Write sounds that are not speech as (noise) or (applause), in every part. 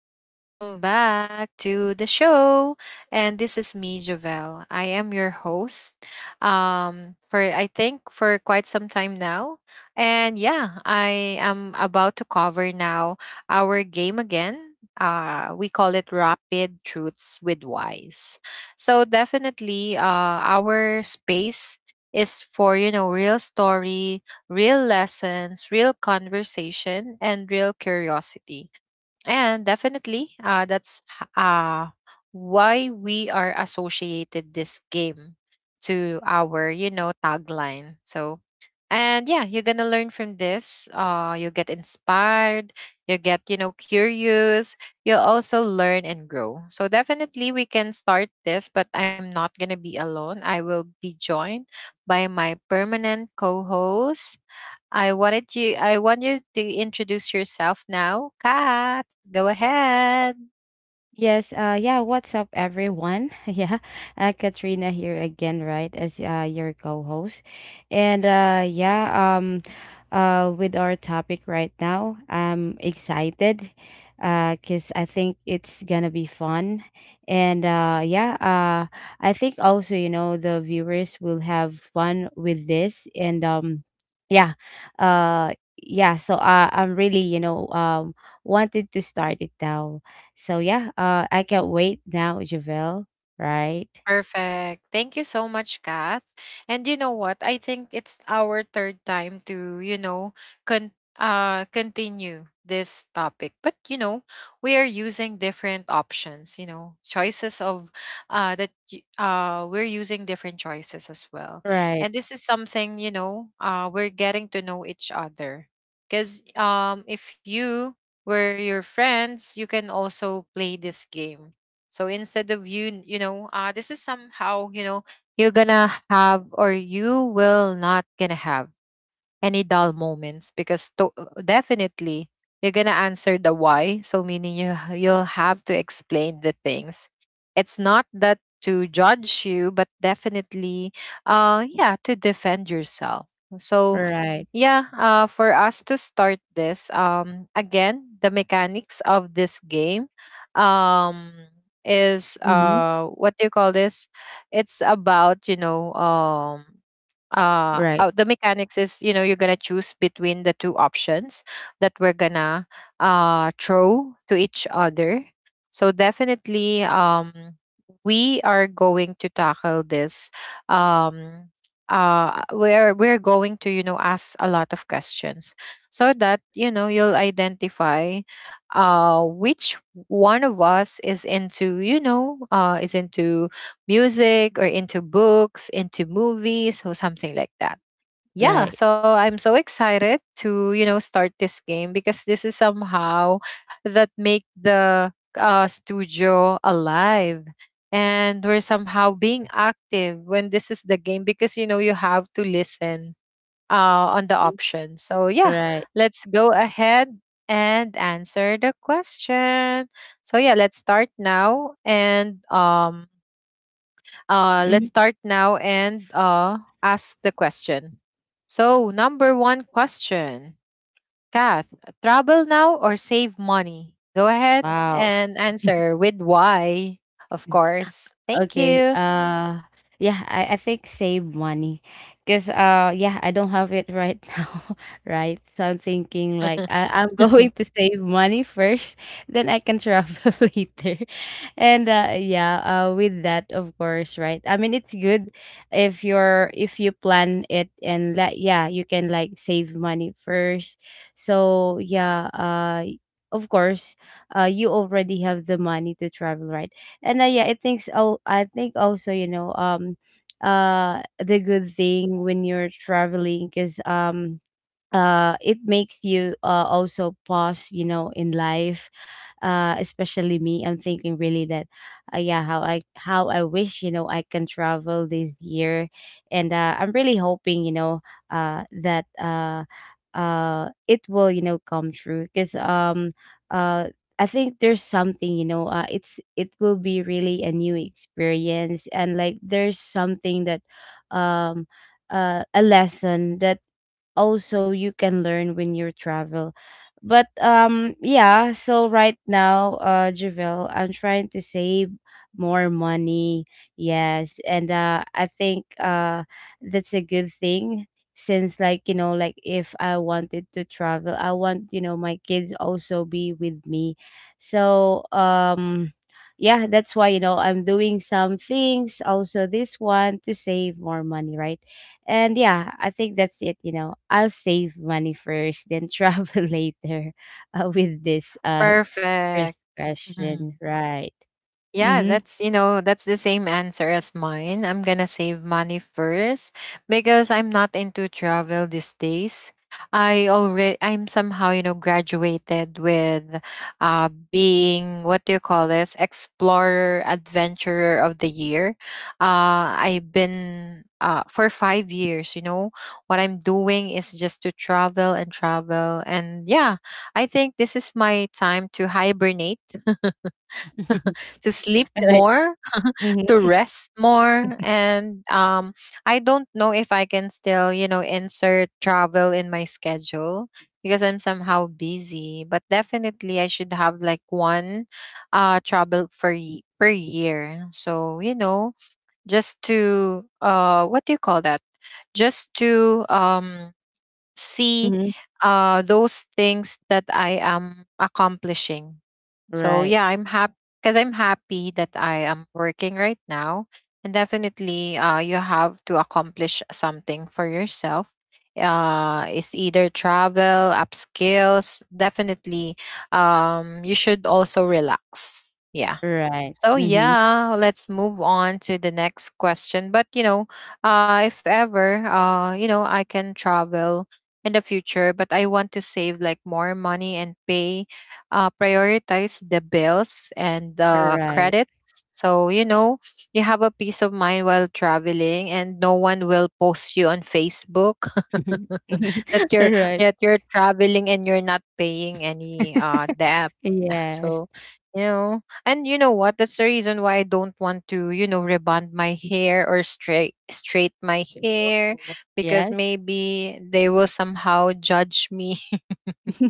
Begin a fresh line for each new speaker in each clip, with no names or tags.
Welcome back to the show. And this is me, Jovel. I am your host for, I think, for quite some time now. And yeah, I am about to cover now our game again. We call it Rapid Truths with Wise. So, definitely, our space is for, real stories, real lessons, real conversation, and real curiosity. And definitely, why we are associated this game to our tagline. So, and yeah, you're gonna learn from this. You get inspired. You get, curious. You'll also learn and grow. So definitely, we can start this, but I'm not gonna be alone. I will be joined by my permanent co-host. I want you to introduce yourself now. Kat, go ahead.
Yes, yeah, what's up everyone? (laughs) Yeah. Katrina here again, right? As your co-host. And yeah, um with our topic right now, I'm excited cuz I think it's going to be fun. And yeah, I think also, you know, the viewers will have fun with this, and yeah. Uh yeah, so I'm really, you know, wanted to start it now. So yeah, I can't wait now, Javel. Right,
Perfect. Thank you so much, Kath. And you know what? I think it's our third time to, continue this topic. But, we are using different options, choices of we're using different choices as well.
right,
And this is something, we're getting to know each other. Because if you were your friends, you can also play this game, so instead of you, this is somehow, you're gonna have or you will not gonna have any dull moments because definitely you're gonna answer the why. So meaning you'll have to explain the things. It's not that to judge you, but definitely, yeah, to defend yourself. So
right.
yeah, for us to start this, again, the mechanics of this game, um, is,
Mm-hmm.
what do you call this? It's about,
Right,
the mechanics is, you're gonna choose between the two options that we're gonna throw to each other. So definitely, we are going to tackle this, um we're going to, ask a lot of questions, so that, you'll identify which one of us is into you know is into music, or into books, into movies, or something like that.
right.
Yeah, so I'm so excited to, start this game because this is somehow that make the studio alive, and we're somehow being active when this is the game because, you have to listen on the
Mhm.
options. So yeah,
Right.
let's go ahead and answer the question. So yeah, let's start now and
Hmm.
ask the question. So, number one question, Kath, travel now or save money? Go ahead
Wow.
and answer with why, of course. Thank
Okay.
you.
Yeah, I think save money. Cause yeah, I don't have it right (laughs) now, right? So I'm thinking like I'm (laughs) going to
(laughs)
save money first, then I can travel (laughs) later. And yeah, with that, of course, right? I mean it's good if you're if you plan it, and like yeah, you can like save money first. So yeah, of course, you already have the money to travel, right? And yeah, it thinks. Oh, I think also, you know, the good thing when you're traveling is, it makes you, also pause, you know, in life. Especially me, I'm thinking really that, yeah, how I wish, you know, I can travel this year, and I'm really hoping, you know, that it will, you know, come true. Because uh. I think there's something, you know, it will be really a new experience, and like there's something that, um a lesson that also you can learn when you travel. But yeah, so right now, Javel, I'm trying to save more money. Yes, and I think that's a good thing, since, like, you know, like if I wanted to travel, I want, you know, my kids also be with me. So, yeah, that's why, you know, I'm doing some things also, this one, to save more money, right? And yeah, I think that's it. You know, I'll save money first, then travel (laughs) later, with this first
Perfect. Mm-hmm.
question. Right.
Yeah,
Mm-hmm.
that's the same answer as mine. I'm gonna save money first because I'm not into travel these days. I'm somehow, graduated with, being, what do you call this? Explorer adventurer of the year. I've been for five years. What I'm doing is just to travel and travel, and yeah, I think this is my time to hibernate, to sleep
(laughs) Right.
more, to
Mm-hmm.
rest more, and I don't know if I can still, insert travel in my schedule because I'm somehow busy, but definitely I should have like one travel per year. So, just to, what do you call that? Just to, see
Mm-hmm.
those things that I am accomplishing. So
Right.
yeah, I'm happy because I'm happy that I am working right now. And definitely, you have to accomplish something for yourself. It's either travel, upskills. Definitely, you should also relax. Yeah.
Right.
So
Mm-hmm.
yeah, let's move on to the next question. But, if ever, I can travel in the future, but I want to save like more money and prioritize the bills and the
Right.
credits. So, you have a peace of mind while traveling, and no one will post you on Facebook
Mhm.
(laughs)
(laughs)
that you're
Right.
that you're traveling and you're not paying any debt. Ah,
(laughs) Yes.
so, and you know what? That's the reason why I don't want to, rebond my hair or straight my hair
Oh,
because
yes.
maybe they will somehow judge me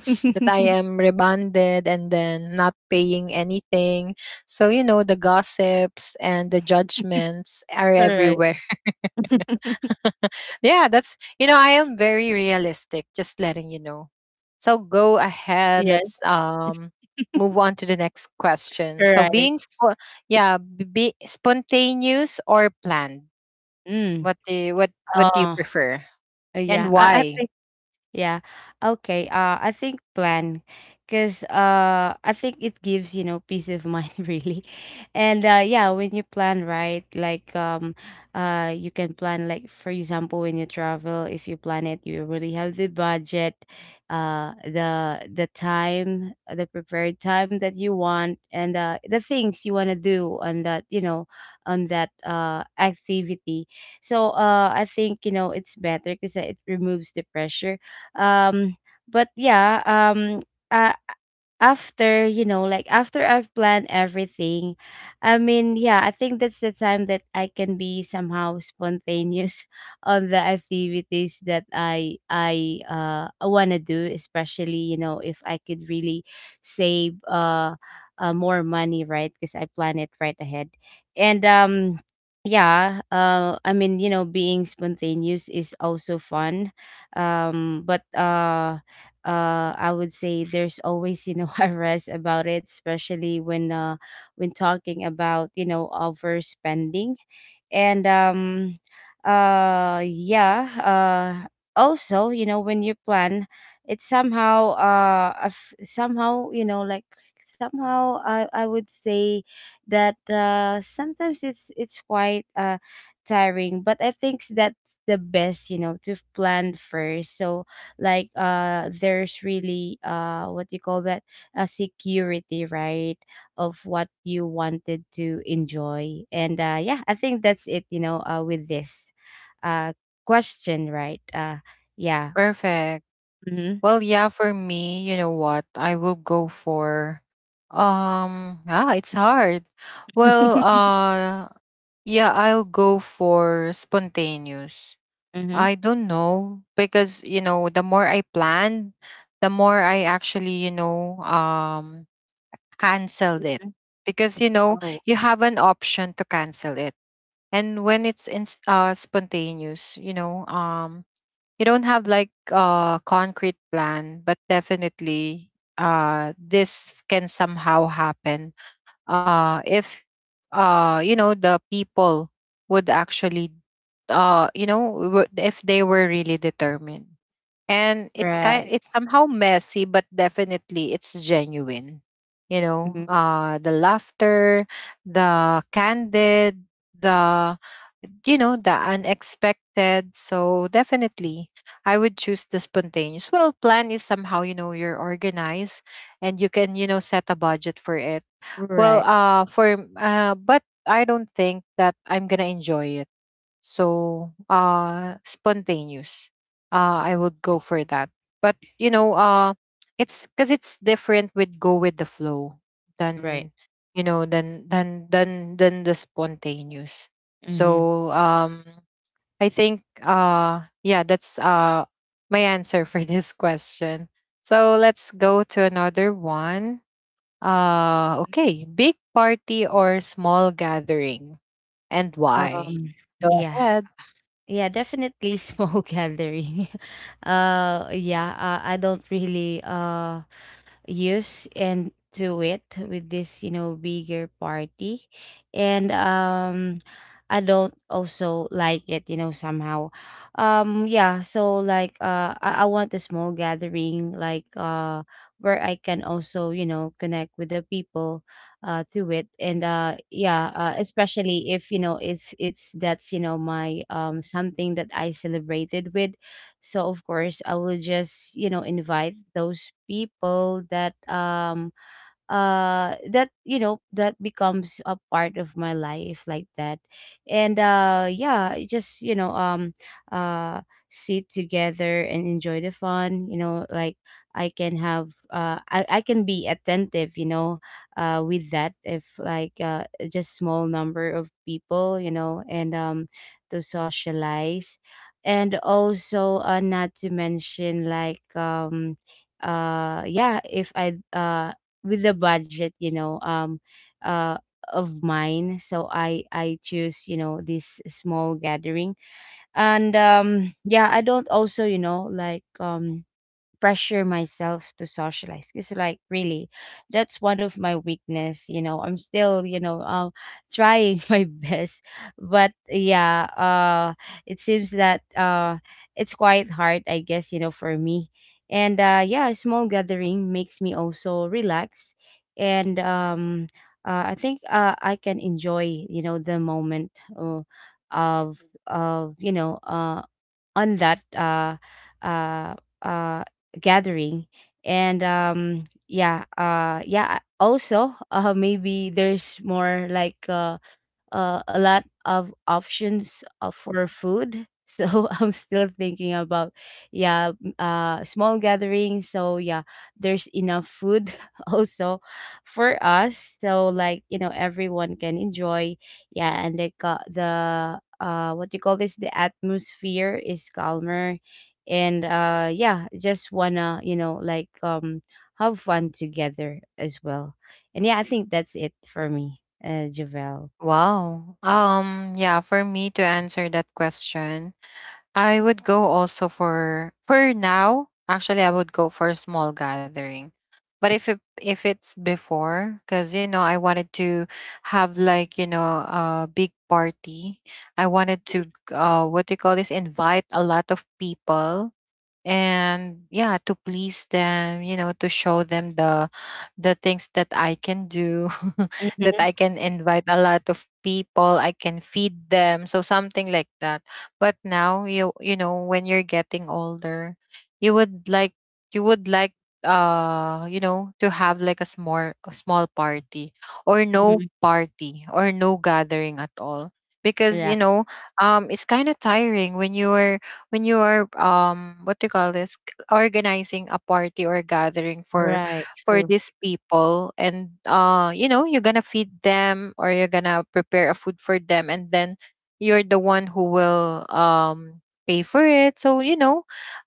(laughs) that I am rebonded and then not paying anything. So, the gossips and the judgments are
Right.
everywhere. (laughs) Yeah, I am very realistic, just letting you know. So go ahead,
Yes.
let's move on to the next question. So
Right.
being spo- yeah, b- be spontaneous or planned.
Mm.
What do you
Oh,
prefer, and
yeah. I
why?
think. Yeah. Okay. I think plan, cause I think it gives, you know, peace of mind (laughs) really, and yeah, when you plan right, like, you can plan like, for example, when you travel, if you plan it, you really have the budget, the time, the prepared time that you want, and the things you wanna do on that, you know, on that activity. So, I think, you know, it's better because it removes the pressure. um, but yeah, uh, after, you know, like after I've planned everything, I mean, yeah, I think that's the time that I can be somehow spontaneous (laughs) on the activities that I want to do, especially, you know, if I could really save more money, right, because I plan it right ahead. And yeah, I mean, you know, being spontaneous is also fun. But I would say there's always, you know, (laughs) a rest about it, especially when talking about, you know, overspending. And yeah, also, you know, when you plan, it somehow, you know, like, somehow I would say that, sometimes it's quite tiring, but I think that's the best, you know, to plan first. So, like, there's really, what you call that, a security, right, of what you wanted to enjoy. And yeah, I think that's it, you know, with this uh, question, right? Yeah.
Perfect.
Mm-hmm.
Well, yeah, for me, you know what? I will go for, it's hard. Well,
(laughs)
yeah, I'll go for spontaneous.
Mm-hmm.
I don't know, because, the more I planned, the more I actually, canceled it, because,
Oh,
you have an option to cancel it. And when it's in, spontaneous, you don't have like a concrete plan, but definitely this can somehow happen if the people would actually, if they were really determined. And it's kind
right.
it's somehow messy, but definitely it's genuine.
Hmm.
The laughter, the candid, the you know the unexpected. So definitely, I would choose the spontaneous. Well, plan is somehow, you're organized, and you can, set a budget for it.
Right.
Well, for but I don't think that I'm gonna enjoy it. So, spontaneous. I would go for that. But, it's because it's different with go with the flow
Right.
than the spontaneous.
Mm-hmm.
So, I think, yeah, that's my answer for (laughs) this question. So let's go to another one. Okay. Big party or small gathering, and why?
Um,
Go
yeah,
ahead.
yeah, definitely small (laughs) gathering. (laughs) Yeah, I don't really use and do it with this, you know, bigger party, and I don't also like it, you know, somehow. Yeah, so like, I want a small gathering, like, where I can also, you know, connect with the people, to it. And yeah, especially if, you know, if it's that's, you know, my, something that I celebrated with, so of course, I will just, you know, invite those people that, you know, that becomes a part of my life like that. And yeah, it just, you know, uh sit together and enjoy the fun, you know, like, I can be attentive, you know, with that, if like just small number of people, you know, and to socialize. And also not to mention, like, yeah, if I with the budget, you know, uh, of mine. So I choose, you know, this small gathering, and yeah, I don't also, you know, like, pressure myself to socialize. It's like, really, that's one of my weakness. You know, I'm still, you know, trying (laughs) my best, but yeah, it seems that, it's quite hard, I guess. You know, for me, and yeah, a small gathering makes me also relax. And. I think, I can enjoy, you know, the moment, of of, you know, on that, uh, uh, gathering. And yeah, yeah, also (laughs) maybe there's more, like, a lot of options, for food. (laughs) So I'm still thinking about, yeah, small gathering. So yeah, there's enough food (laughs) also for us. So like, you know, everyone can enjoy. Yeah, and they got the, what you call this? The atmosphere is calmer, and yeah, just wanna, you know, like, have fun together as well. And yeah, I think that's it for me, Javel.
Wow. Yeah, for me to answer that question, I would go also for now, actually I would go for a small gathering. But if it's before, because, I wanted to have like, a big party. I wanted to, what do you call this? Invite a lot of people, and yeah, to please them, to show them the things that I can do (laughs) that I can invite a lot of people, I can feed them, so something like that. But now, you know, when you're getting older, you would like you would like, to have like a small party, or no
Mhm.
party, or no gathering at all, because,
Yeah.
it's kind of tiring when you are, what do you call this, organizing a party or gathering for
Right.
for
True.
these people. And you're gonna feed them or you're gonna prepare a food for them, and then you're the one who will pay for it, so, you know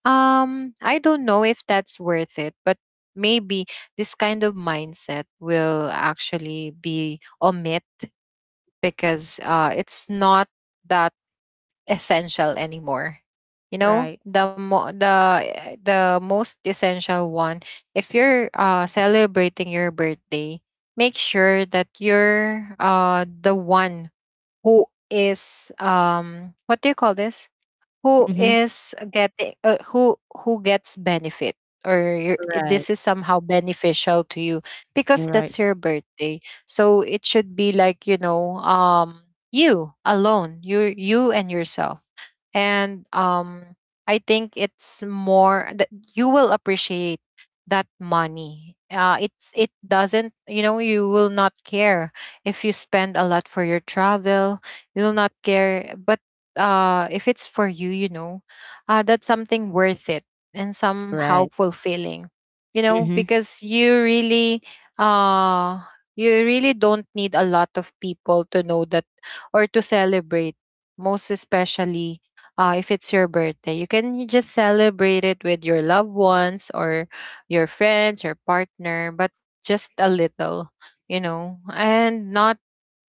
um I don't know if that's worth it. But maybe this kind of mindset will actually be omit, because it's not that essential anymore.
Right.
The mo- the most essential one, if you're celebrating your birthday, make sure that you're the one who is, what do you call this, who
Mhm.
is getting who gets benefit,
Right.
this is somehow beneficial to you because
Right. Right.
that's your birthday. So it should be like, you alone, you and yourself. And I think it's more that you will appreciate that money. It doesn't, you will not care if you spend a lot for your travel, you'll not care. But if it's for you, you know that's something worth it and somehow
Right.
fulfilling.
Mhm.
Because uh you really don't need a lot of people to know that or to celebrate. Most especially, if it's your birthday, you can just celebrate it with your loved ones or your friends, your partner, but just a little, and not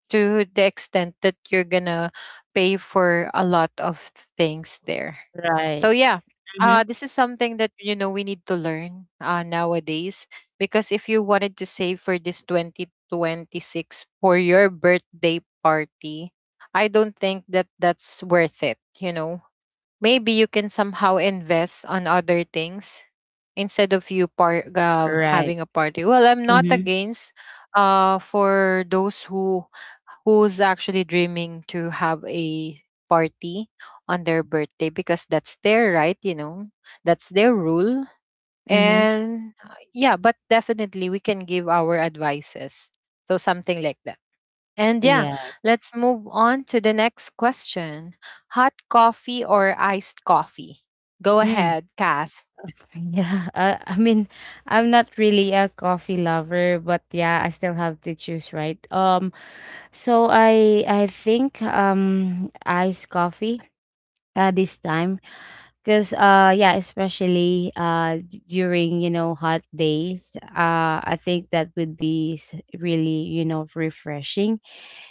to the extent that you're gonna pay for a lot of things there. So
Right.
yeah,
Mhm.
this is something that, we need to learn nowadays, because if you wanted to save for this 2026 for your birthday party, I don't think that that's worth it. Maybe you can somehow invest on other things instead of
Right.
having a party. Well, I'm not
Mhm.
against, for those who's actually dreaming to have a party on their birthday, because that's their right, that's their rule.
Mhm.
And yeah, but definitely we can give our advices. So something like that. And yeah,
Yes.
let's move on to the next question. Hot coffee or iced coffee? Go
Mm.
ahead, Kath.
(laughs) Yeah. I mean, I'm not really a coffee lover, but yeah, I still have to choose, right? So I think iced coffee. This time. Because yeah, especially during, you know, hot days, I think that would be really, you know, refreshing.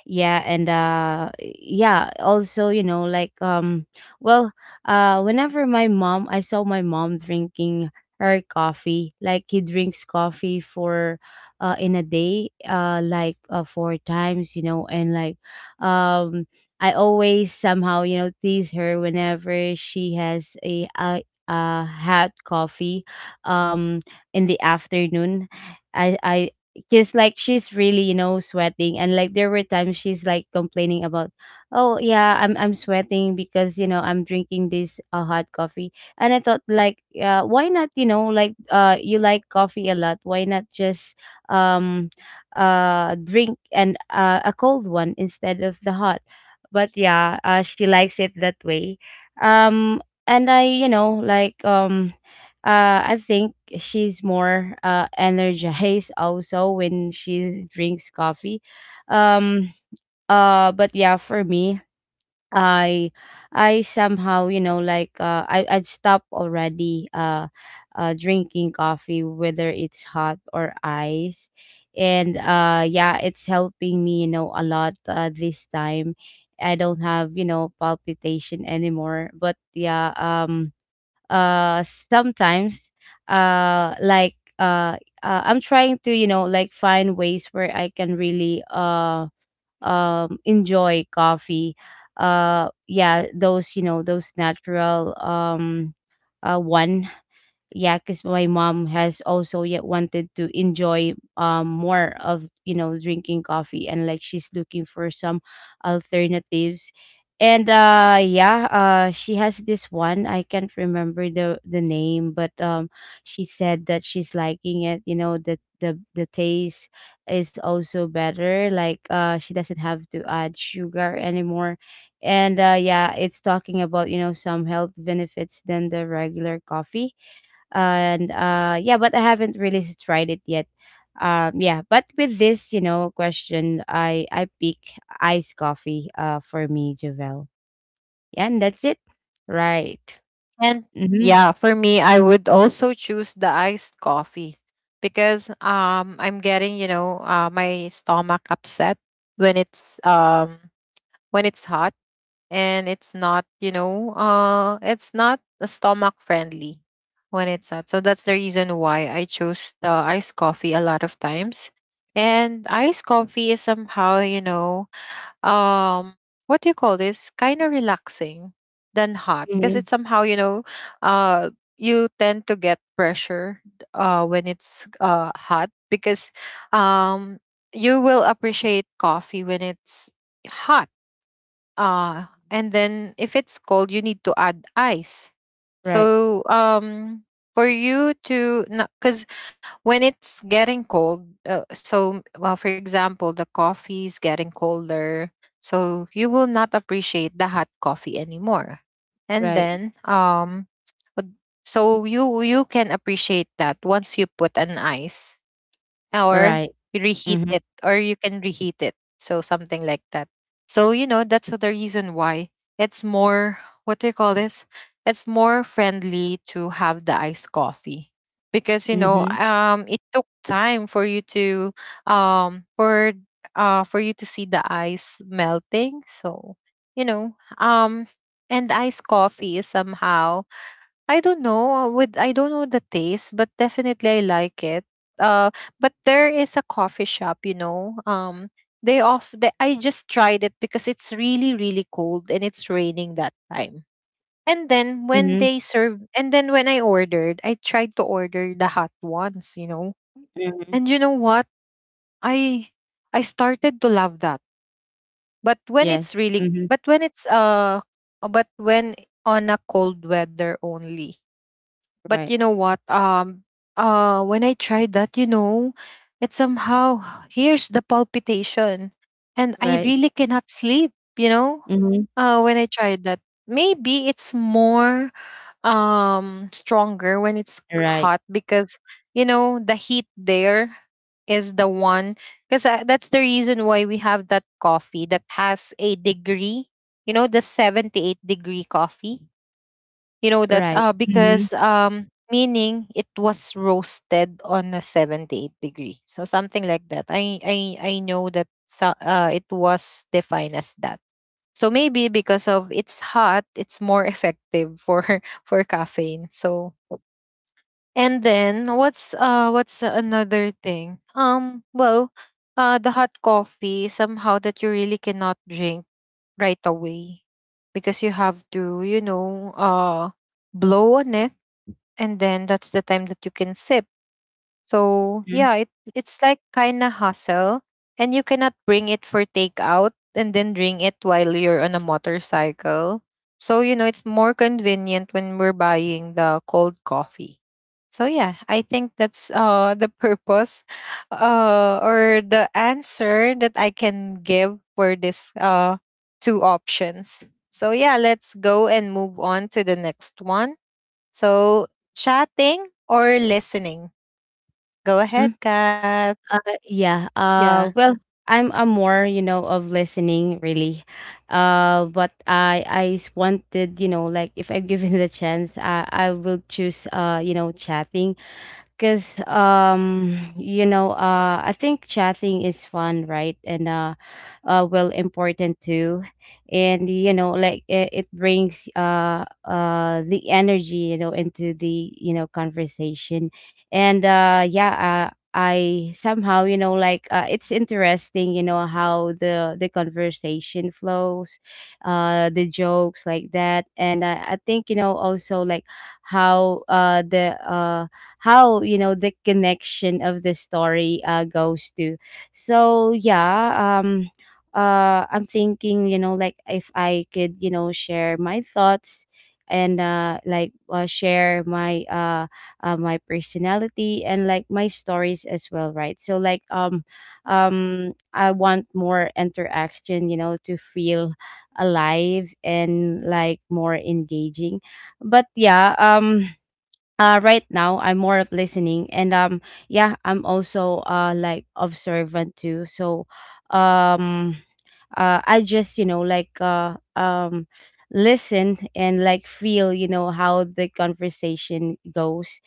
Yeah, and yeah, also, you know, like, well, whenever my mom I saw my mom drinking her coffee. Like, he drinks coffee for, in a day, like, 4 times, you know. And like, um I always somehow, you know, tease her whenever she has a, hot coffee um in the afternoon. I Because, like, she's really, you know, sweating, and like there were times she's like complaining about, oh yeah, I'm sweating because, you know, I'm drinking this hot coffee. And I thought, like, why not, you know, like, you like coffee a lot, why not just um drink, and a cold one instead of the hot? But yeah, she likes it that way. um and I, you know, like, I think she's more, energized also when she drinks coffee. um but yeah, for me, i I somehow, you know, like, I'd stop already, drinking coffee, whether it's hot or ice. And yeah, it's helping me, you know, a lot, this time. I don't have, you know, palpitation anymore. But yeah, sometimes, uh like uh, I'm trying to, you know, like, find ways where I can really enjoy coffee, yeah, those, you know, those natural, one. Yeah, because my mom has also yet wanted to enjoy, more of, you know, drinking coffee, and like she's looking for some alternatives. And yeah, she has this one, I can't remember the name, but she said that she's liking it, you know, the taste is also better, like, she doesn't have to add sugar anymore. And yeah, it's talking about, you know, some health benefits than the regular coffee. And yeah, but I haven't really tried it yet. Yeah, but with this, you know, question, I pick iced coffee, for me, Javel. Yeah, and that's it. Right.
And
Mm-hmm.
yeah, for me, I would also choose the iced coffee because I'm getting, you know, my stomach upset when it's hot. And it's not, you know, it's not stomach friendly when it's hot. So that's the reason why I chose the iced coffee a lot of times. And iced coffee is somehow, you know, um what do you call this, kind of relaxing than hot because
Mm-hmm.
it's somehow you know uh you tend to get pressure when it's hot because um you will appreciate coffee when it's hot. And then if it's cold, you need to add ice.
Right.
So for you to, because when it's getting cold, so well, for example, the coffee is getting colder, so you will not appreciate the hot coffee anymore. And
Right.
then but- so you can appreciate that once you put an ice or
Right.
you reheat
Mm-hmm.
it or you can reheat it, so something like that. So you know that's the reason why it's more, what do you call this, it's more friendly to have the iced coffee because you know
Mm-hmm.
it took time for you to um for for you to see the ice melting. So you know, and iced coffee is somehow, I don't know, with, I don't know the taste, but definitely I like it. Uh, but there is a coffee shop, you know. They off. They, I just tried it because it's really really cold and it's raining that time. And then when
Mm-hmm.
they served, and then when I ordered, I tried to order the hot ones, you know.
Mm-hmm.
And you know what? I I started to love that. But when it's
Yes.
really,
Mm-hmm.
but when but when on a cold weather only. But
Right.
you know what? When I tried that, you know, it somehow, here's the palpitation, and I
Right.
really cannot sleep. You know,
Mm-hmm.
when I tried that, maybe it's more stronger when it's
Right.
hot because you know the heat there is the one. Because that's the reason why we have that coffee that has a degree. You know, the 78 degree coffee, you know that
Right. Mm-hmm.
because meaning it was roasted on a 78 degree, so something like that. I know that. So, it was defined as that. So maybe because of it's hot, it's more effective for (laughs) for caffeine. So and then what's another thing, the hot coffee somehow that you really cannot drink right away because you have to, you know, blow on it, and then that's the time that you can sip. So
Mm-hmm.
yeah, it's like kinda hustle, and you cannot bring it for takeout and then drink it while you're on a motorcycle. So you know it's more convenient when we're buying the cold coffee. So yeah, I think that's the purpose, (laughs) or the answer that I can give for this two options. So yeah, let's go and move on to the next one. So, chatting or listening? Go ahead, Kat.
Yeah.
Yeah,
Well, I'm a more, you know, of listening, really. But I wanted, you know, like if I'm (laughs) given the chance, I will choose, you know, chatting because you know, I think chatting is fun, right? And well, important too. And like it brings the energy, into the conversation. And yeah I somehow it's interesting how the conversation flows, the jokes like that. And I think also like how the how the connection of the story goes to. So I'm thinking like if I could share my thoughts and share my my personality and like my stories as well, right? I want more interaction, to feel alive and like more engaging. But yeah Right now I'm more of listening. And Yeah, I'm also like observant too. Um I just listen and like feel how the conversation goes.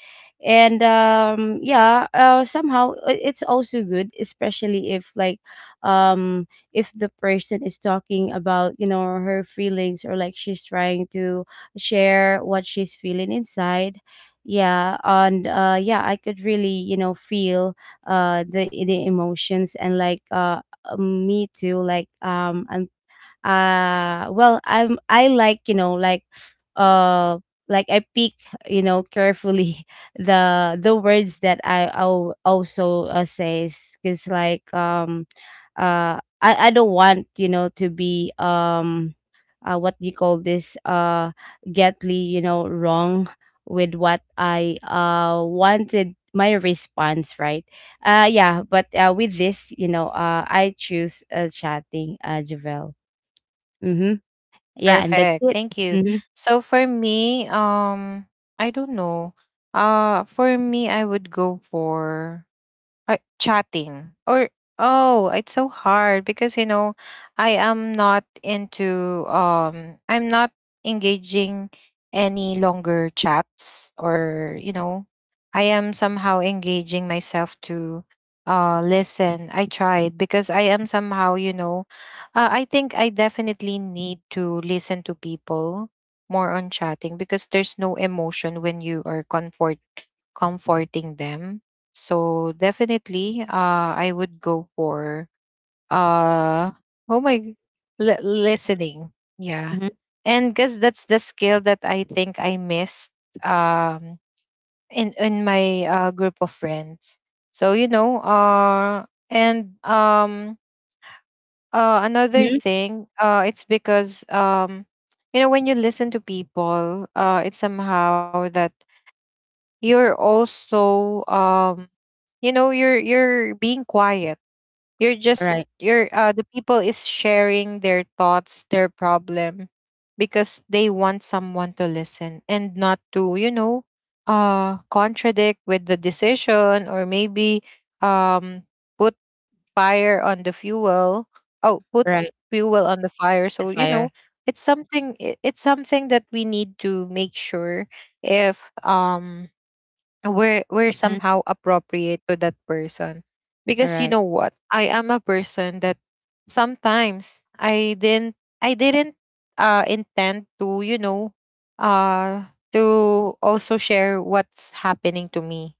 And yeah Somehow it's also good, especially if like if the person is talking about her feelings, or like she's trying to share what she's feeling inside. Yeah, I could really feel the emotions and me too. Like and Well, I like uh like I pick, carefully, (laughs) the words that I'll also says, because I don't want, to be what do you call this, getly wrong with what I wanted my response, right? Yeah but With this, I choose, chatting, uh, Javel. Mm-hmm. Yeah, and that's
perfect.
it.
Thank you.
Mm-hmm.
So for me, I don't know. For me, I would go for, or chatting or, oh it's so hard because you know I'm not engaging any longer chats, or you know, I am somehow engaging myself to listen. I tried because I am somehow, you know, I think I definitely need to listen to people more on chatting because there's no emotion when you are comforting them. So definitely, I would go for uh, oh my, g- listening. Yeah,
Mm-hmm.
and guess that's the skill that I think I missed, um, in my group of friends. So you know, and another
Hmm.
thing, it's because you know, when you listen to people, it's somehow that you're also, you know, you're being quiet. You're just
Right.
you're the people is sharing their thoughts, their problem, because they want someone to listen and not to, you know, contradict with the decision, or maybe um put fire on the fuel. Oh, put
Right.
fuel on the fire.
The
So, you know,
fire.
it's something that we need to make sure if were
Mm-hmm.
somehow appropriate to that person.
All
Because you
right.
know what, I am a person that sometimes I didn't intend to, you know, uh to also share what's happening to me.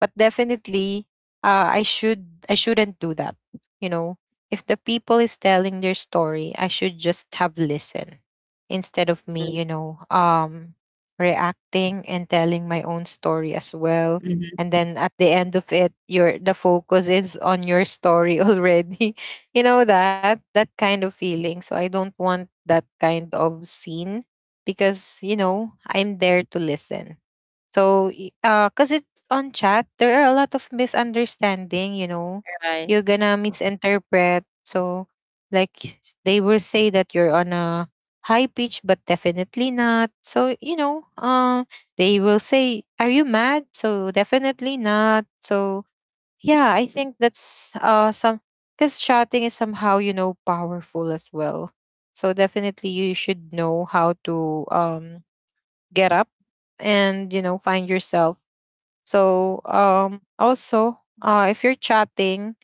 But definitely I should I shouldn't do that, you know. If the people is telling their story, I should just have listen, instead of me,
Mm-hmm.
you know, reacting and telling my own story as well.
Mm-hmm.
And then at the end of it, your the focus is on your story already. (laughs) You know, that that kind of feeling. So I don't want that kind of scene because you know I'm there to listen. So, cause it's on chat, there are a lot of misunderstanding. You know,
Right.
you're gonna misinterpret. So, like they will say that you're on a high pitch, but definitely not. So you know, they will say, "Are you mad?" So definitely not. So yeah, I think that's some, because shouting is somehow you know powerful as well. So definitely you should know how to get up and you know find yourself. So also if you're chatting,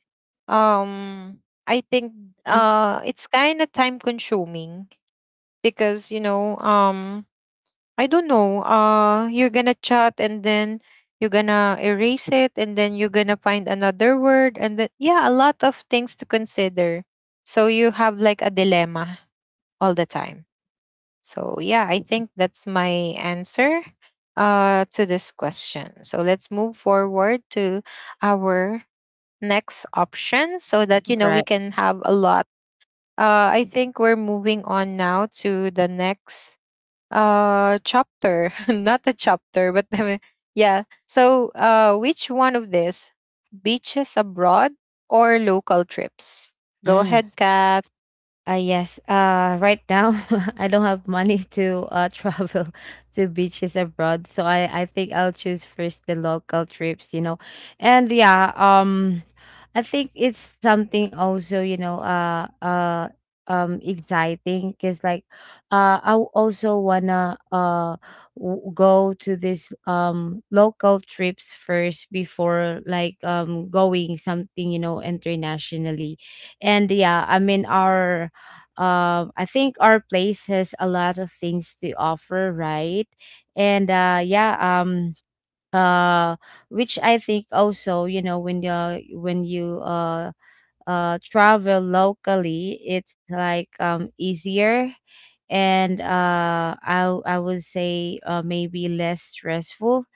um I think
Mm-hmm.
it's kind of time consuming because you know, I don't know, you're gonna chat, and then you're gonna erase it, and then you're gonna find another word, and then yeah, a lot of things to consider. So you have like a dilemma all the time. So yeah, I think that's my answer to this question. So let's move forward to our next option so that you know we
Right.
can have a lot. I think we're moving on now to the next chapter (laughs) not the chapter but the, yeah. So which one of this, beaches abroad or local trips? Go
Mm.
ahead, Kat.
Yes. Right now (laughs) I don't have money (laughs) to travel (laughs) to beaches abroad, so I think I'll choose first the local trips, you know. And yeah. I think it's something also, you know, exciting, because like, I also wanna go to this local trips first before like going something, you know, internationally. And yeah I mean our I think our place has a lot of things to offer, right? And uh, which I think also, you know, when you travel locally, it's like easier, and I would say maybe less stressful.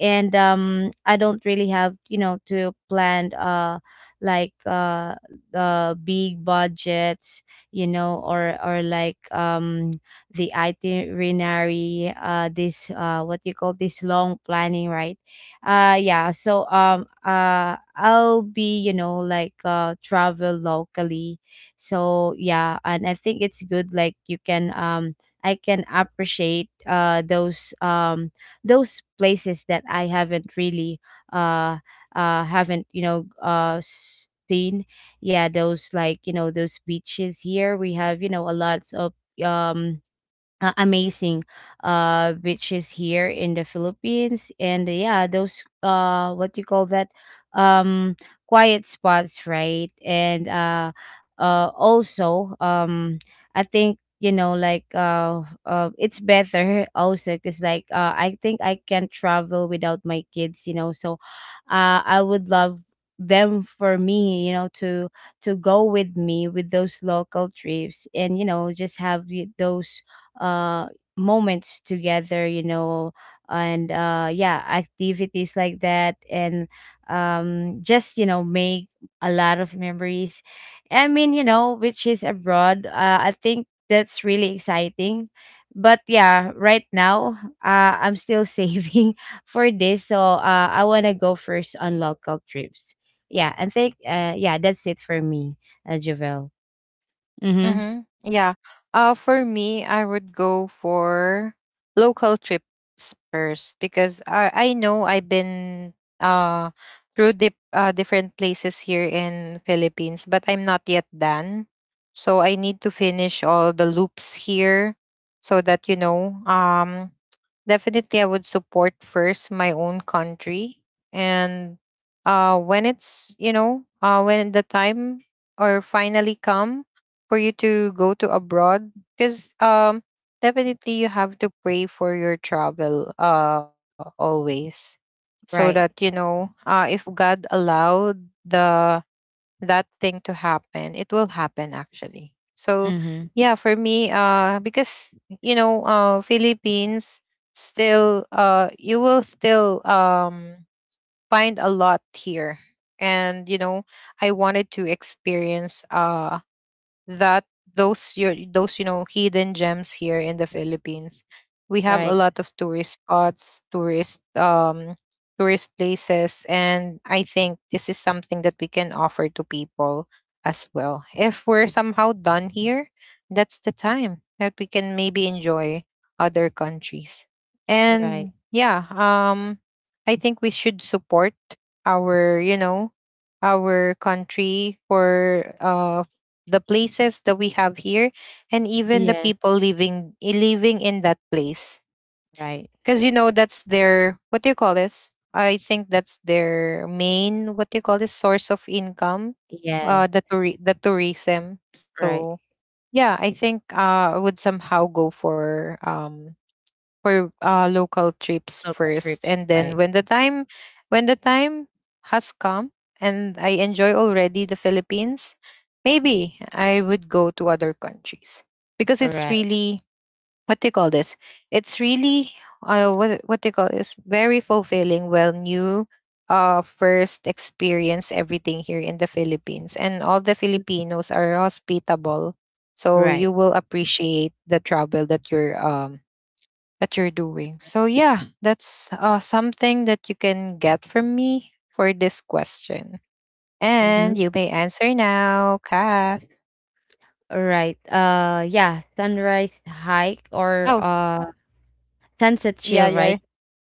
And I don't really have, you know, to plan like uh big budgets, you know, or like, the itinerary, this what you call this, long planning, right? I'll be, you know, travel locally. So yeah, and I think it's good, like you can I can appreciate those places that I haven't really uh haven't, you know, seen. Yeah, those, like, you know, those beaches here, we have, you know, a lot of um amazing beaches here in the Philippines. And yeah, those, uh, what do you call that, um quiet spots, right? And also, I think, you know, it's better (laughs) also, because I think I can travel without my kids, you know. So I would love them for me, you know, to go with me with those local trips and, you know, just have those uh moments together, you know. And activities like that. And just, you know, make a lot of memories. I mean, you know, which is abroad, I think that's really exciting. But yeah, right now, I'm still (laughs) saving for this. So I want to go first on local trips. Yeah, and think, yeah, that's it for me. Javel. Mm-hmm.
Mm-hmm. Yeah. For me, I would go for local trips first because I know I've been uh through different places here in Philippines, but I'm not yet done. So I need to finish all the loops here so that you know definitely I would support first my own country. And when it's you know when the time or finally come for you to go to abroad. Because definitely you have to pray for your travel always, so
Right.
that you know if god allowed the that thing to happen, it will happen actually. So
Mm-hmm.
yeah, for me, because you know Philippines still you will still find a lot here. And you know I wanted to experience that those, your those, you know, hidden gems here in the Philippines. We have a
Right.
lot of tourist spots, tourist places, and I think this is something that we can offer to people as well. If we're somehow done here, that's the time that we can maybe enjoy other countries.
Right.
And yeah, I think we should support our, you know, our country for the places that we have here, and even the
Yes,
people living in that place,
right.
because you know that's their, what do you call this, I think that's their main, what do you call this, source of income,
Yes,
the tourism.
right.
So yeah, I think I would somehow go for local trips
Local
first,
trips,
and then
right.
when the time, when the time has come, and I enjoy already the Philippines, maybe I would go to other countries, because it's
Alright,
really, what do you call this, it's really what do you call this, very fulfilling, well new, first experience everything here in the Philippines, and all the Filipinos are hospitable. So you
right.
will appreciate the travel that you're doing. So yeah, that's something that you can get from me for this question.
Mhm.
And you may answer now, Kath.
Alright. Yeah, sunrise hike or
Oh,
sunset
yeah,
chill,
yeah.
right?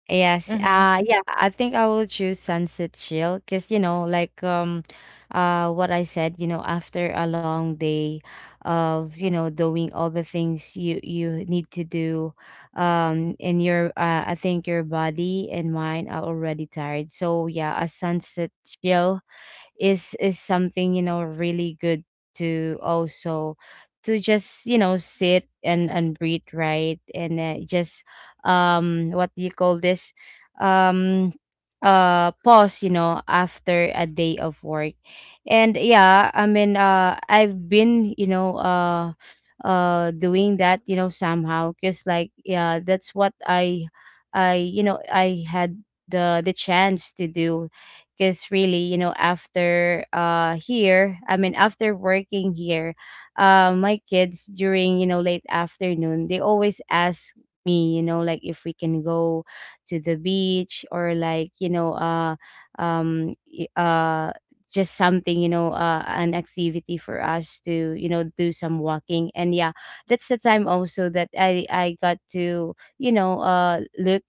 Yes.
Mm-hmm.
Yeah, I think I will choose sunset chill, because, you know, like, what I said, you know, after a long day of, you know, doing all the things you you need to do, in your I think your body and mind are already tired. So yeah, a sunset chill is something, you know, really good to also to just, you know, sit and breathe, right? And just, what do you call this, um pause, you know, after a day of work. And yeah I mean I've been, you know, doing that, you know, somehow, because like yeah, that's what I you know, I had the chance to do, because really, you know, after here, I mean, after working here, my kids, during, you know, late afternoon, they always ask me, you know, like if we can go to the beach, or like, you know, um y- uh just something, you know, an activity for us to, you know, do some walking. And yeah, that's the time also that I got to, you know, look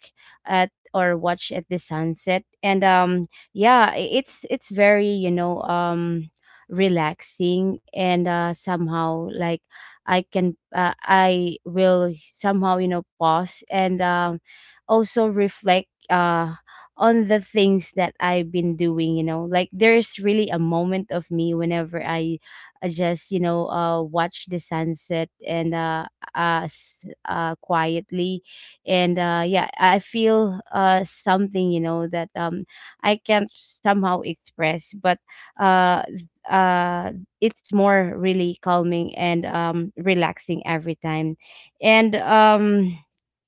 at or watch at the sunset. And yeah, it's very, you know, relaxing. And somehow, like I will somehow, you know, pause. And also reflect on the things that I've been doing, you know, like there's really a moment of me whenever I just, you know, watch the sunset. And quietly. And yeah, I feel something, you know, that I can't somehow express, but uh uh it's more really calming and, relaxing every time. And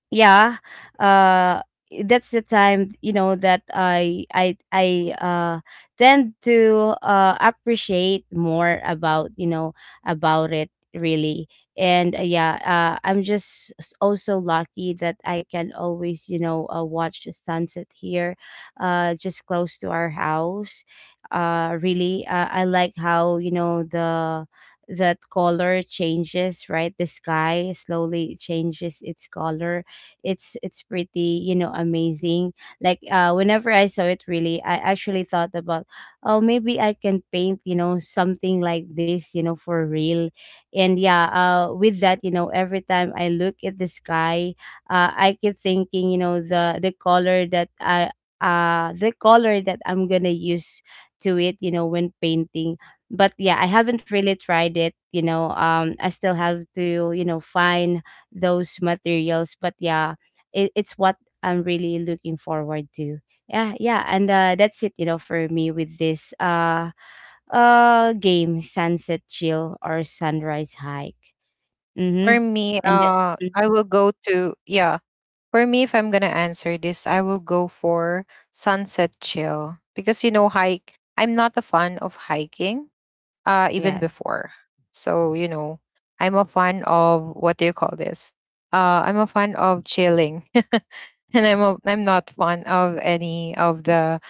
yeah uh that's the time, you know, that I tend to appreciate more, about, you know, about it really. And yeah, I'm just also lucky that I can always, you know, watch the sunset here, just close to our house. Really I like how, you know, the that color changes, right? The sky slowly changes its color. It's pretty, you know, amazing, like whenever I saw it. Really, I actually thought about, oh, maybe I can paint, you know, something like this, you know, for real. And with that, you know, every time I look at the sky, I keep thinking, you know, the color that I the color that I'm gonna use to it, you know, when painting. But yeah, I haven't really tried it, you know. I still have to, you know, find those materials. But yeah, it, it's what I'm really looking forward to. Yeah, yeah, and, that's it, you know, for me, with this game, Sunset Chill or Sunrise Hike.
For
Mm-hmm.
me,
And that, mm,
I will go to, yeah. For me, if I'm gonna answer this, I will go for sunset chill, because you know hike, I'm not a fan of hiking even
yeah,
before. So, you know, I'm a fan of, what do you call this? I'm a fan of chilling. (laughs) And I'm a, I'm not fan of any of the,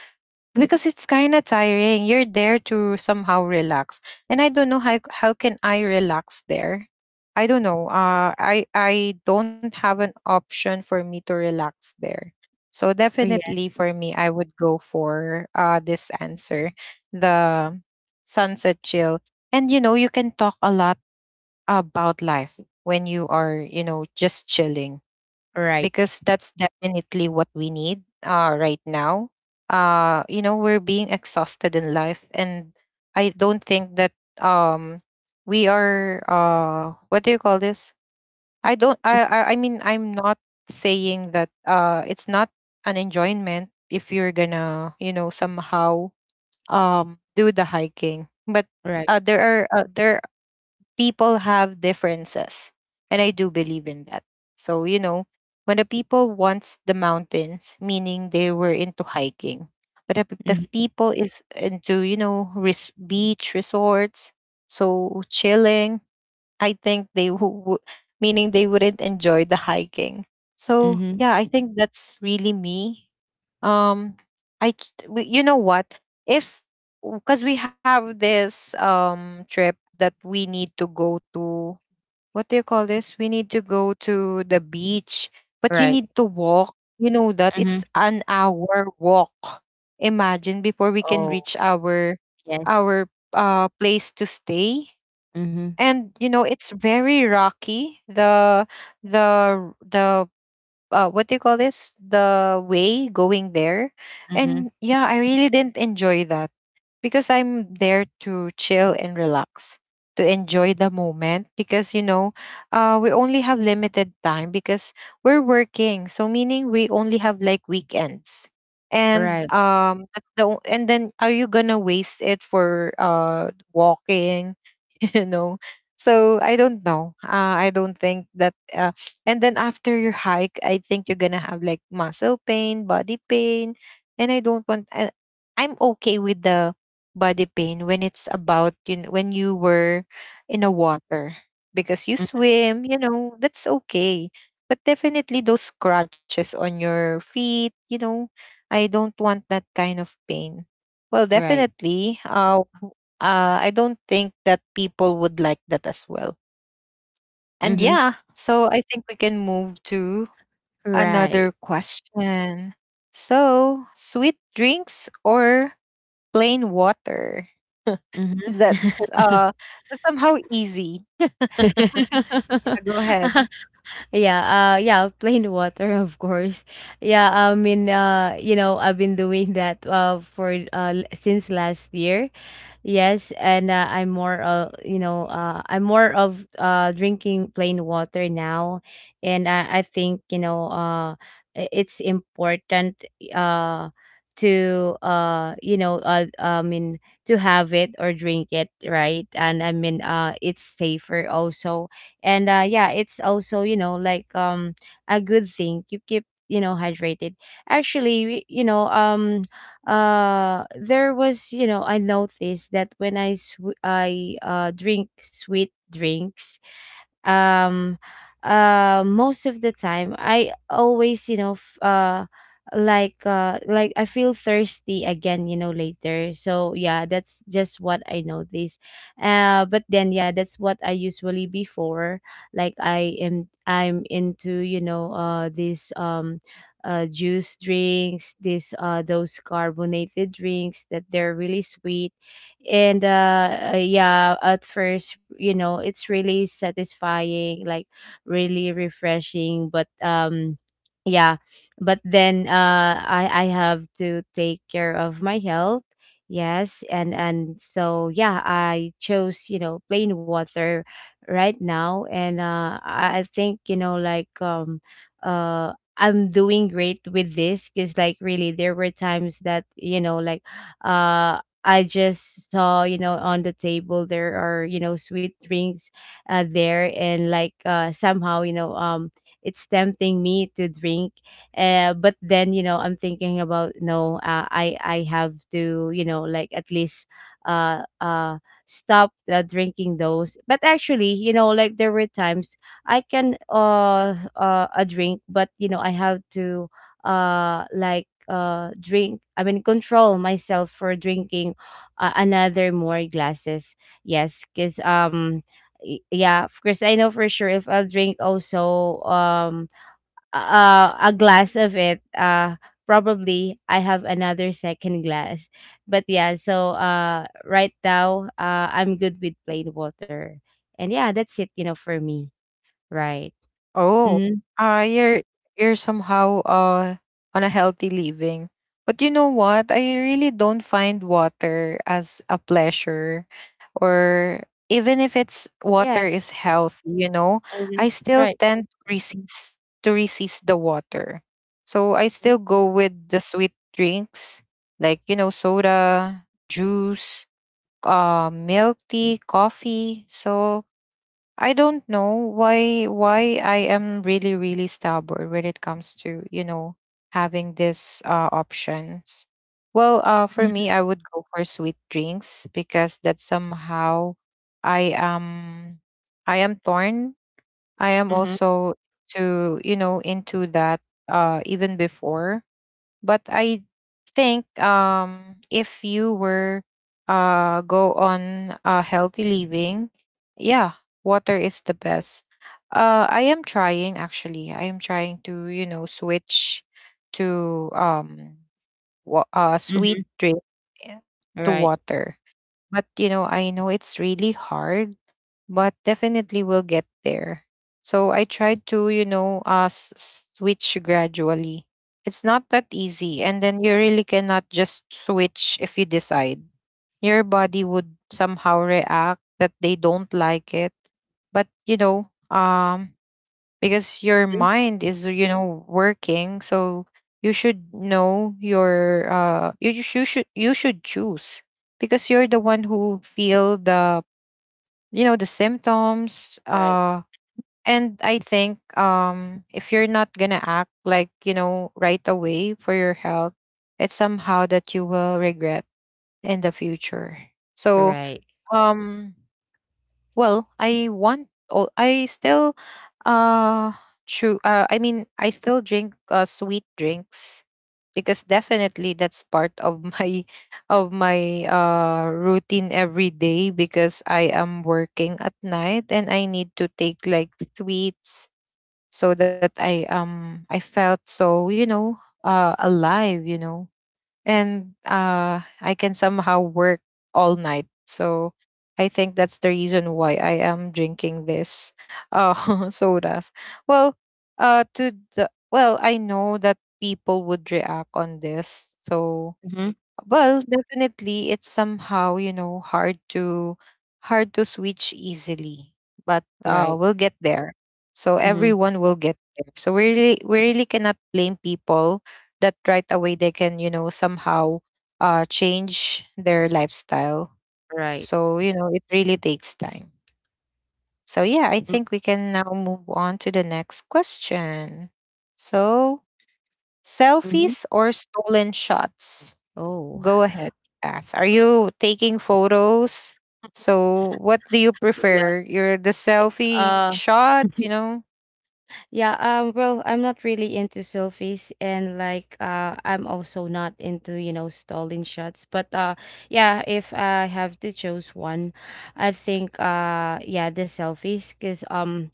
because it's kind of tiring. You're there to somehow relax, and I don't know how can I relax there. I don't know. I don't have an option for me to relax there. So
oh, yeah,
definitely for me, I would go for this answer, the sunset chill. And you can talk a lot about life when you are just chilling,
right,
because that's definitely what we need, right now. We're being exhausted in life, and I don't think that um we are, what do you call this? I don't. I mean, I'm not saying that it's not an enjoyment if you're gonna, somehow, do the hiking, but
right,
there, people have differences. And I do believe in that. So, when the people wants the mountains, meaning they were into hiking. But if the
mm-hmm,
people is into, beach resorts, so chilling, I think who- meaning they wouldn't enjoy the hiking. So
mm-hmm,
yeah, I think that's really me. Um, you know what? If because we have this trip that we need to go to, what do you call this? We need to go to the beach, but you
right,
need to walk. You know that
mm-hmm.
it's an hour walk. Imagine before we can
Oh,
reach our
yes,
our place to stay.
mm-hmm,
And it's very rocky, the what do you call this, the way going there.
mm-hmm,
And yeah, I really didn't enjoy that, because I'm there to chill and relax, to enjoy the moment. Because, we only have limited time because we're working. So, meaning we only have like weekends. And
right,
and then are you gonna waste it for walking, (laughs) you know? So I don't know. I don't think that. And then after your hike, I think you're gonna have like muscle pain, body pain. And I don't want. I'm okay with the body pain when it's about, when you were in a water, because you
mm,
swim. That's okay, but definitely those scratches on your feet. I don't want that kind of pain. Well,
right,
definitely, I don't think that people would like that as well. And
mm-hmm,
yeah, so I think we can move to
right.
another question. So, sweet drinks or plain water? (laughs)
Mm-hmm.
That's uh that's somehow easy. (laughs) Yeah, go ahead.
(laughs) Yeah, yeah, plain water (laughs) of course. Yeah, I mean, you know, I've been doing that since last year. Yes, and, I'm more of, you know, I'm more of, drinking plain water now. And I think, you know, it's important uh, to you know, I mean to have it or drink it, right? And I mean, it's safer also. And yeah, it's also, you know, like, a good thing, you keep, you know, hydrated. Actually, you know, there was, you know, I noticed that when I drink sweet drinks, um most of the time I always, you know, like I feel thirsty again, you know, later. So yeah, that's just what I noticed. But then yeah, that's what I usually before, like I'm into, you know, this, juice drinks, this, those carbonated drinks that they're really sweet. And yeah, at first, you know, it's really satisfying, like really refreshing, but, yeah, but then, I have to take care of my health. Yes, and so yeah, I chose, you know, plain water right now. And I think, you know, like, uh I'm doing great with this, because like really there were times that, you know, like uh I just saw, you know, on the table there are, you know, sweet drinks there. And like, somehow, you know, it's tempting me to drink. But then, you know, I'm thinking about, no, I have to, you know, like at least uh uh stop, drinking those. But actually, you know, like there were times I can, a drink, but you know, I have to drink, I mean control myself for drinking another more glasses. Yes, because yeah, of course I know for sure if I'll drink also a glass of it probably I have another second glass. But yeah, so right now I'm good with plain water. And yeah, that's it, for me. Right.
Oh,
Mhm.
uh, you're you're somehow, on a healthy living. But you know what? I really don't find water as a pleasure. Or even if it's water
Yes.
is healthy,
Mhm.
I still
Right.
tend to resist the water. So I
Mhm.
still go with the sweet drinks, like, soda, juice, milk tea, coffee. So I don't know why I am really, really stubborn when it comes to, having these, options. Well, for me, I would go for sweet drinks, because that somehow I am I am torn. I am
Mhm.
also, to you know into that, even before. But I think, if you were, go on, healthy living, yeah, water is the best. I am trying, actually. I am trying to, switch to, sweet
Mhm.
drink, eh, to
Right.
water. But, I know it's really hard, but definitely we'll get there. So I tried to, switch gradually. It's not that easy. And then you really cannot just switch if you decide. Your body would somehow react that they don't like it. But, because your mind is, working. So you should know you should choose, because you're the one who feel the you know the symptoms, and I think, if you're not gonna act, like, right away for your health, it's somehow that you will regret in the future. So,
Right.
um well, I want. Oh, I still. Uh, True. I mean, I still drink, sweet drinks, because definitely that's part of my (laughs) of my routine every day, because I am working at night and I need to take like sweets, so that I felt so, alive, and, I can somehow work all night. So I think that's the reason why I am drinking this, (laughs) sodas. Well, I know that people would react on this. So,
Mhm.
well, definitely it's somehow, hard to switch easily. But
Right.
we'll get there. So
Mhm.
everyone will get there. So we really cannot blame people that right away they can, somehow, change their lifestyle.
Right.
So, it really takes time. So yeah, I
Mm,
think we can now move on to the next question. So,
Mhm.
selfies or stolen shots?
Oh.
Go ahead, Kath. Are you taking photos? So, what do you
Yeah.
prefer? Your the selfie
Uh
shots, you know?
yeah, well, I'm not really into selfies, and like I'm also not into, stalling shots, but yeah, if I have to choose one, I think yeah, the selfies cuz um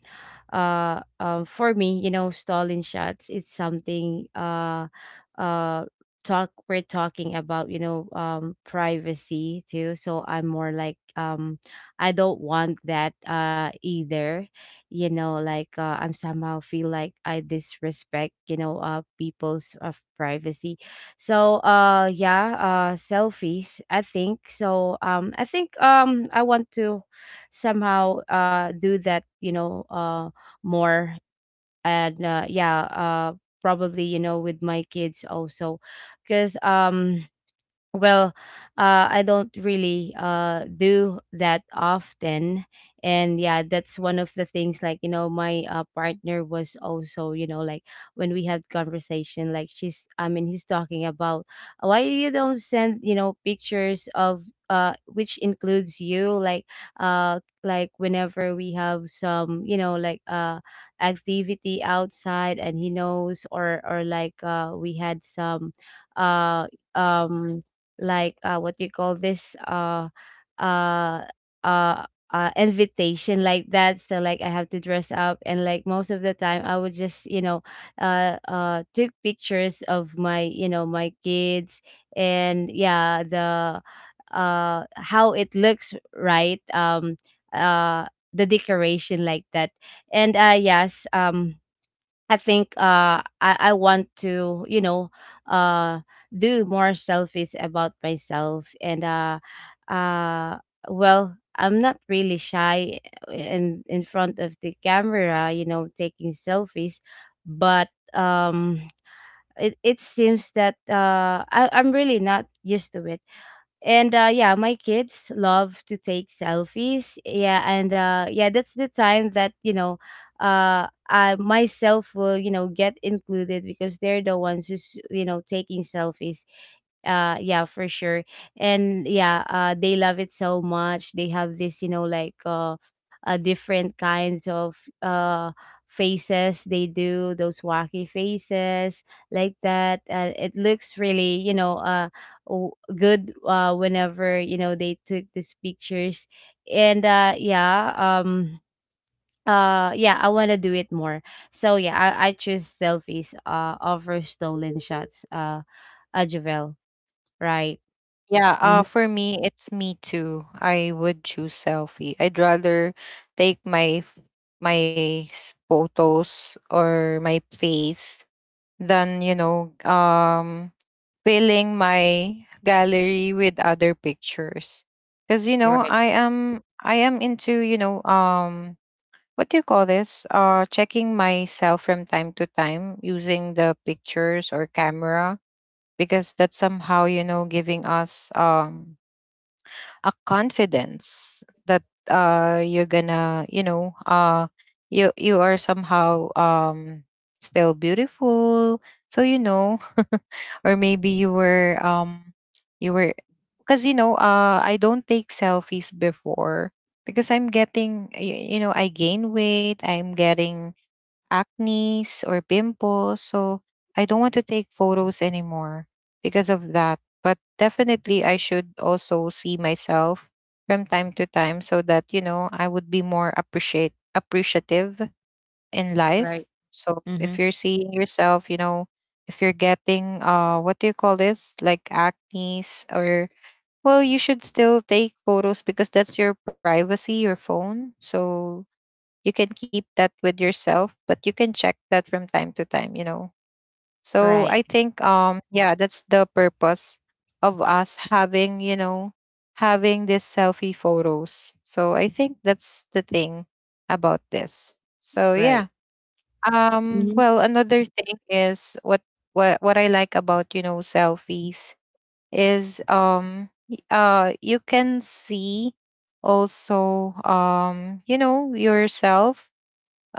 uh um for me, stalling shots, it's something uh talk we're talking about, privacy too. So I'm more like I don't want that either. Like, I'm somehow feel like I disrespect people's of privacy. So yeah. Selfies, I think so. Um, I think I want to somehow do that more. And yeah, probably, with my kids also, because well, I don't really do that often. And yeah, that's one of the things, like, my partner was also, like, when we had conversation, like, she's, I mean, he's talking about why you don't send, pictures of, which includes you, like whenever we have some, like, activity outside, and he knows, or like, we had some, uh, um like, what you call this, uh uh invitation like that, so like, I have to dress up. And like, most of the time I would just took pictures of my you know my kids. And yeah, the how it looks, right? Uh the decoration, like that. And yes. Um, I think I want touh do more selfies about myself, and uh well, I'm not really shy in front of the camera, taking selfies. But it seems that I'm really not used to it. And yeah, my kids love to take selfies. Yeah, and yeah, that's the time that I myself will get included because they're the ones who's taking selfies, yeah, for sure. And yeah, they love it so much. They have this, like, different kinds of faces. They do those wacky faces like that. It looks really, w- good whenever, they took these pictures. And yeah. um yeah, I want to do it more. So yeah, I choose selfies over stolen shots, Javel. Right.
Yeah,
Hmm.
for me, it's me too. I would choose selfie. I'd rather take my f- my s- photos or my face than, filling my gallery with other pictures. Cuz I am into, what do you call this? Checking myself from time to time using the pictures or camera, because that's somehow, giving us, a confidence that, you're gonna, you are somehow, still beautiful. So, (laughs) Or maybe you were, you were because, I don't take selfies before, because I'm getting, I gain weight. I'm getting acnes or pimples, so I don't want to take photos anymore because of that. But definitely I should also see myself from time to time, so that, I would be more appreciate appreciative in
Right.
life. So
Mm-hmm.
if you're seeing yourself, if you're getting, what do you call this, like acnes, or, well, you should still take photos, because that's your privacy, your phone. So you can keep that with yourself, but you can check that from time to time. So I
Right.
think, yeah, that's the purpose of us having these selfie photos. So I think that's the thing about this. So yeah.
Right. Mm-hmm.
Well, another thing is what, I like about, selfies is, you can see also, yourself,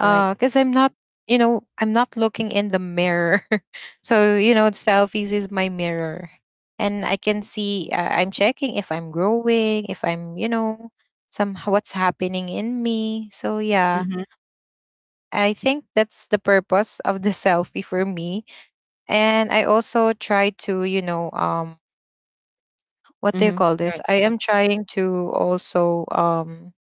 Right.
because I'm not looking in the mirror. (laughs) So, selfies is my mirror. And I can see, I'm checking if I'm growing, if I'm, some, what's happening in me. So yeah,
Mm-hmm.
I think that's the purpose of the (laughs) selfie for me. And I also try to, what do you
Mm-hmm.
call this?
Right.
I am trying to also,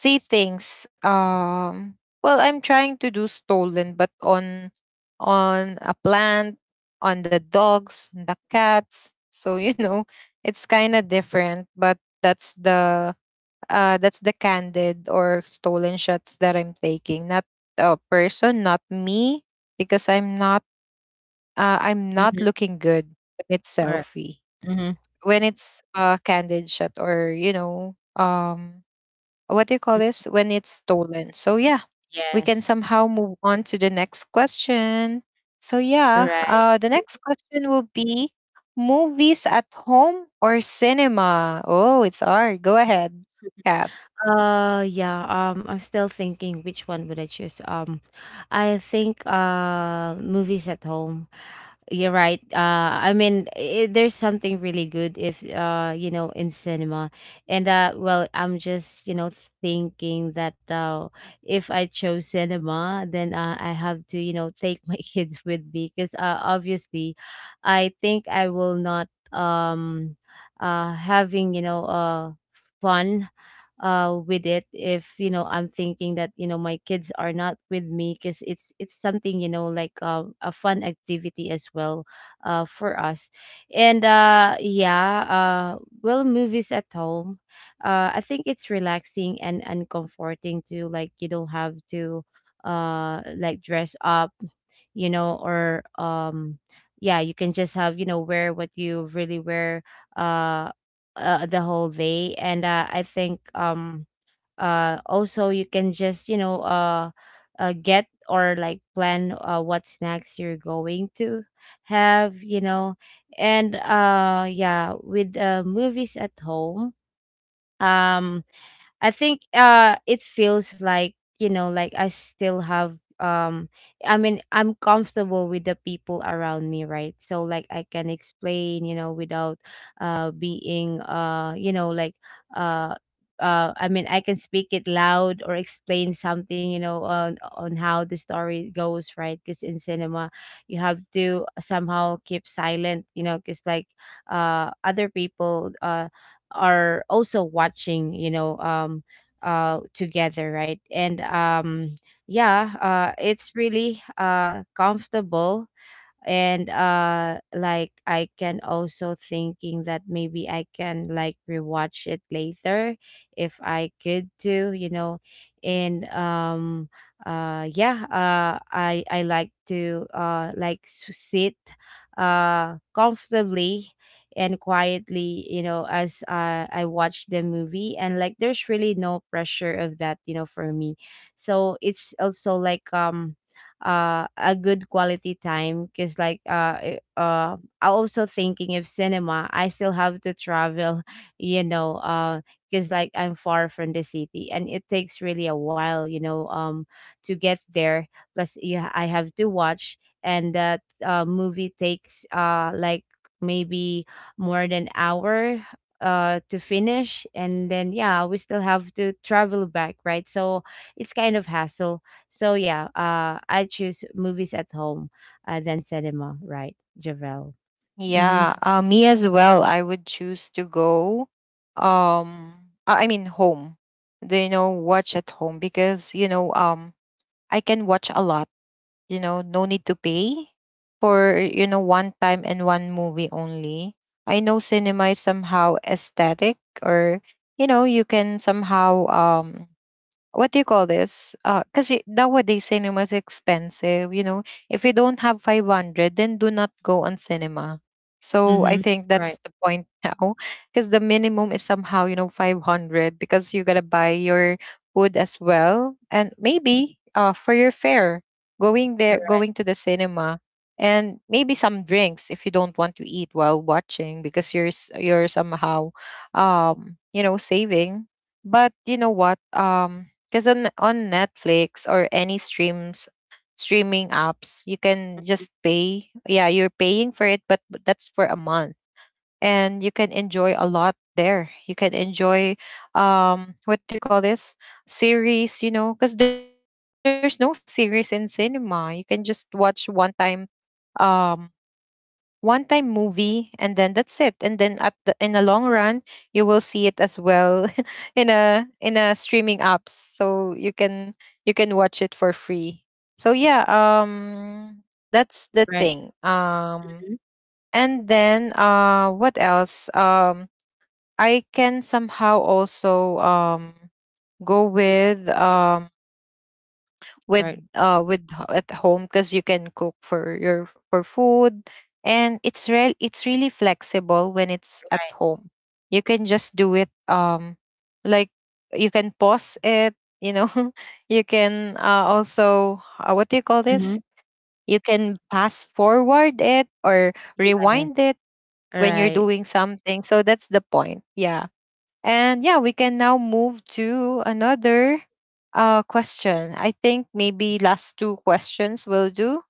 see things. Well, I'm trying to do stolen, but on, a plant, on the dogs, on the cats. So, it's kind of different, but that's the candid or stolen shots that I'm taking. Not a person, not me, because I'm not
Mm-hmm.
looking good when it's
Right.
selfie.
Mm-hmm.
When it's a candid shot, or, what do you call this, when it's stolen. So yeah, we can
Yes.
somehow move on to the next question. So yeah,
Right.
the next question will be movies at home or cinema. Oh, it's hard. Go ahead, Cap.
Yeah, I'm still thinking which one would I choose. I think movies at home. You're right. I mean, I there's something really good if in cinema. And well, I'm just, thinking that if I chose cinema, then I have to, take my (laughs) kids with me, because obviously I think I will not having, fun with it, if, I'm thinking that, my kids are not with me, because it's something, like, a fun activity as well for us. And yeah. Well, movies at home, I think it's relaxing and comforting. To like, you don't have to like dress up, or yeah, you can just have, wear what you really wear uh the whole day. And I think also, you can just get, or like, plan what snacks you're going to have And yeah, with movies at home, um I think it feels like, like, I still have, I mean, I'm comfortable with the people around me, right? So like, I can explain, without being uh I mean, I can speak it loud, or explain something, on how the story goes, right? Because in cinema, you have to somehow keep silent, because, like, other people are also watching together, right? And yeah, it's really comfortable. And like, I can also thinking that maybe I can like rewatch it later if I could do. And yeah, I like to like sit comfortably and quietly, as I watch the movie. And like, there's really no pressure of that, for me. So it's also like, a good quality time, because like, I'm also thinking, if cinema, I still have to travel (laughs) you know uh because like, I'm far from the city, and it takes really a while, to get there. Plus yeah, I have to watch, and that movie takes like maybe more than hour to finish, and then yeah, we still have to travel back, right? So it's kind of hassle. So yeah, I choose movies at home than cinema, right, Javel? Mm-hmm.
Yeah, me as well. I would choose to go, um I mean home. Do you know watch at home, because, I can watch a lot, no need to pay for, one time and one movie only. I know cinema is somehow aesthetic, or, you can somehow, what do you call this? Because nowadays cinema is expensive. If you don't have 500, then do not go on cinema. So I
Mm-hmm.
think
Right.
that's the point (laughs) now. Because the minimum is somehow, 500, because you got to buy your food as well. And maybe, for your fare, going there,
Right.
going to the cinema. And maybe some drinks if you don't want to eat while watching, because you're somehow, saving. But you know what? Because on, Netflix or any streams streaming apps, you can just pay. Yeah, you're paying for it, but that's for a month. And you can enjoy a lot there. You can enjoy, what do you call this? Series, because there's no series in cinema. You can just watch um one time movie, and then that's it. And then in the long run, you will see it as well (laughs) in a streaming apps, so you can watch it for free. So yeah, that's the
Right.
thing,
Mm-hmm.
and then, what else, I can somehow also, go with um with
Right.
uh with h- at home, because you can cook for your for food, and it's really flexible when it's at
Right.
home. You can just do it, like you can pause it, you know (laughs) you can, also, what do you call
Mm-hmm.
this, you can pass forward it, or rewind
Yes.
it, when you're
Right.
doing something. So that's the point, yeah. And yeah, we can now move to another, question. I think maybe last two questions will do,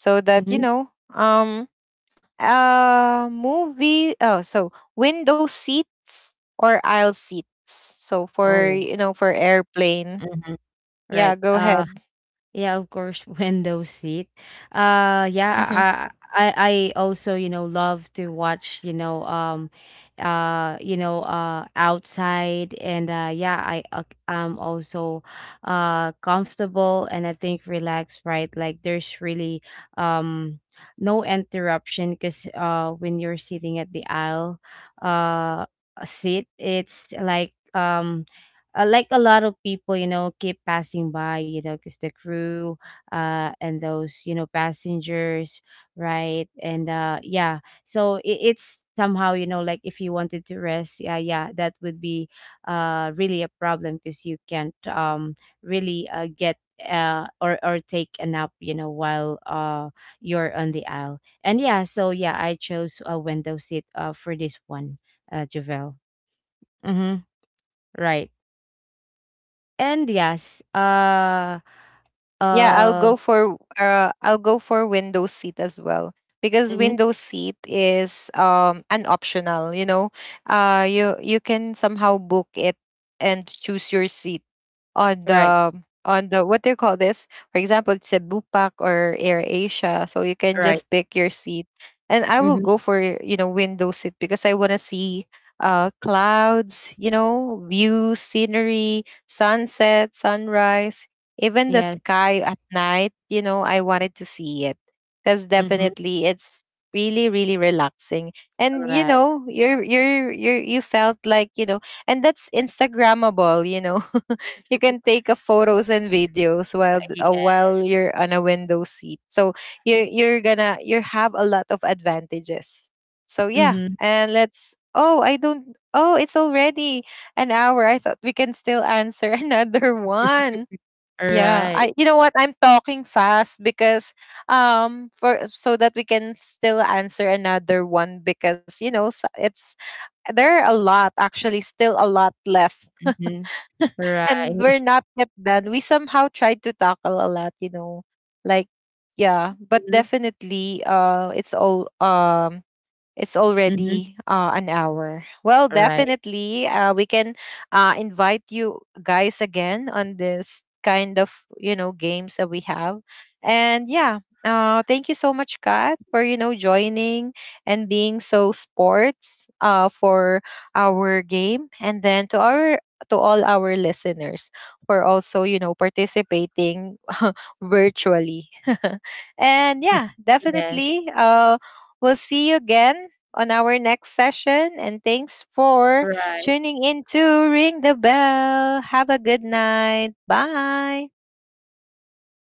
so that,
Mm-hmm.
movie. Oh, so window seats or aisle seats. So for,
Oh.
you know, for airplane.
Mm-hmm. Right.
Yeah, go ahead.
Yeah, of course, (laughs) window seat. Uh
Mm-hmm.
yeah, I also, love to watch, outside, and yeah, I'm also comfortable, and I think relaxed, right? Like, there's really um no interruption because when you're sitting at the aisle uh seat. It's like, like, a lot of people, keep passing by, because the crew, and those, passengers, right? And yeah, so it's somehow, like, if you wanted to rest, yeah, yeah, that would be really a problem, because you can't really get, or take a nap, while you're on the aisle. And yeah, so yeah, I chose a window seat for this one, Javel. Mm-hmm. Right. And yes,
Yeah, I'll
uh,
go for window seat as well, because
mhm,
window seat is, an optional, you know. You can somehow book it and choose your seat on
right,
the, what do you call this? For example, it's a Bupak or Air Asia, so you can
right,
just pick your seat. And I will
mhm,
go for, window seat, because I want to see, clouds, view, scenery, sunset, sunrise, even the
yes,
sky at night, I wanted to see it, because
mhm,
definitely it's really, really relaxing. And
right,
you are, you felt like, and that's instagrammable, (laughs) You can take a photos and videos while uh,
yes,
while you're on a window seat, so you you're gonna you have a lot of advantages. So yeah,
mhm,
and let's oh I don't oh it's already an hour. I thought we can still answer (laughs) another one. Yeah,
right,
I you know what? I'm talking fast because, for so that we can still answer another one, because you know s- it's there are a lot, actually, still a lot left.
mhm,
(laughs) And
right,
we're not yet done. We somehow tried to tackle a lot. Like, yeah, but
mhm,
definitely it's all, it's
mhm,
already, an hour. Well,
right,
definitely, we can, invite you guys again on this kind of, games that we have, and yeah. Thank you so much, Kat, for, joining and being so sports, for our game, and then to our to all our listeners for also, participating (laughs) virtually, (laughs) and
(laughs)
yeah,
yes,
definitely. We'll see you again on our next session. And thanks for
right.
tuning in to Ring the Bell. Have a good night. Bye.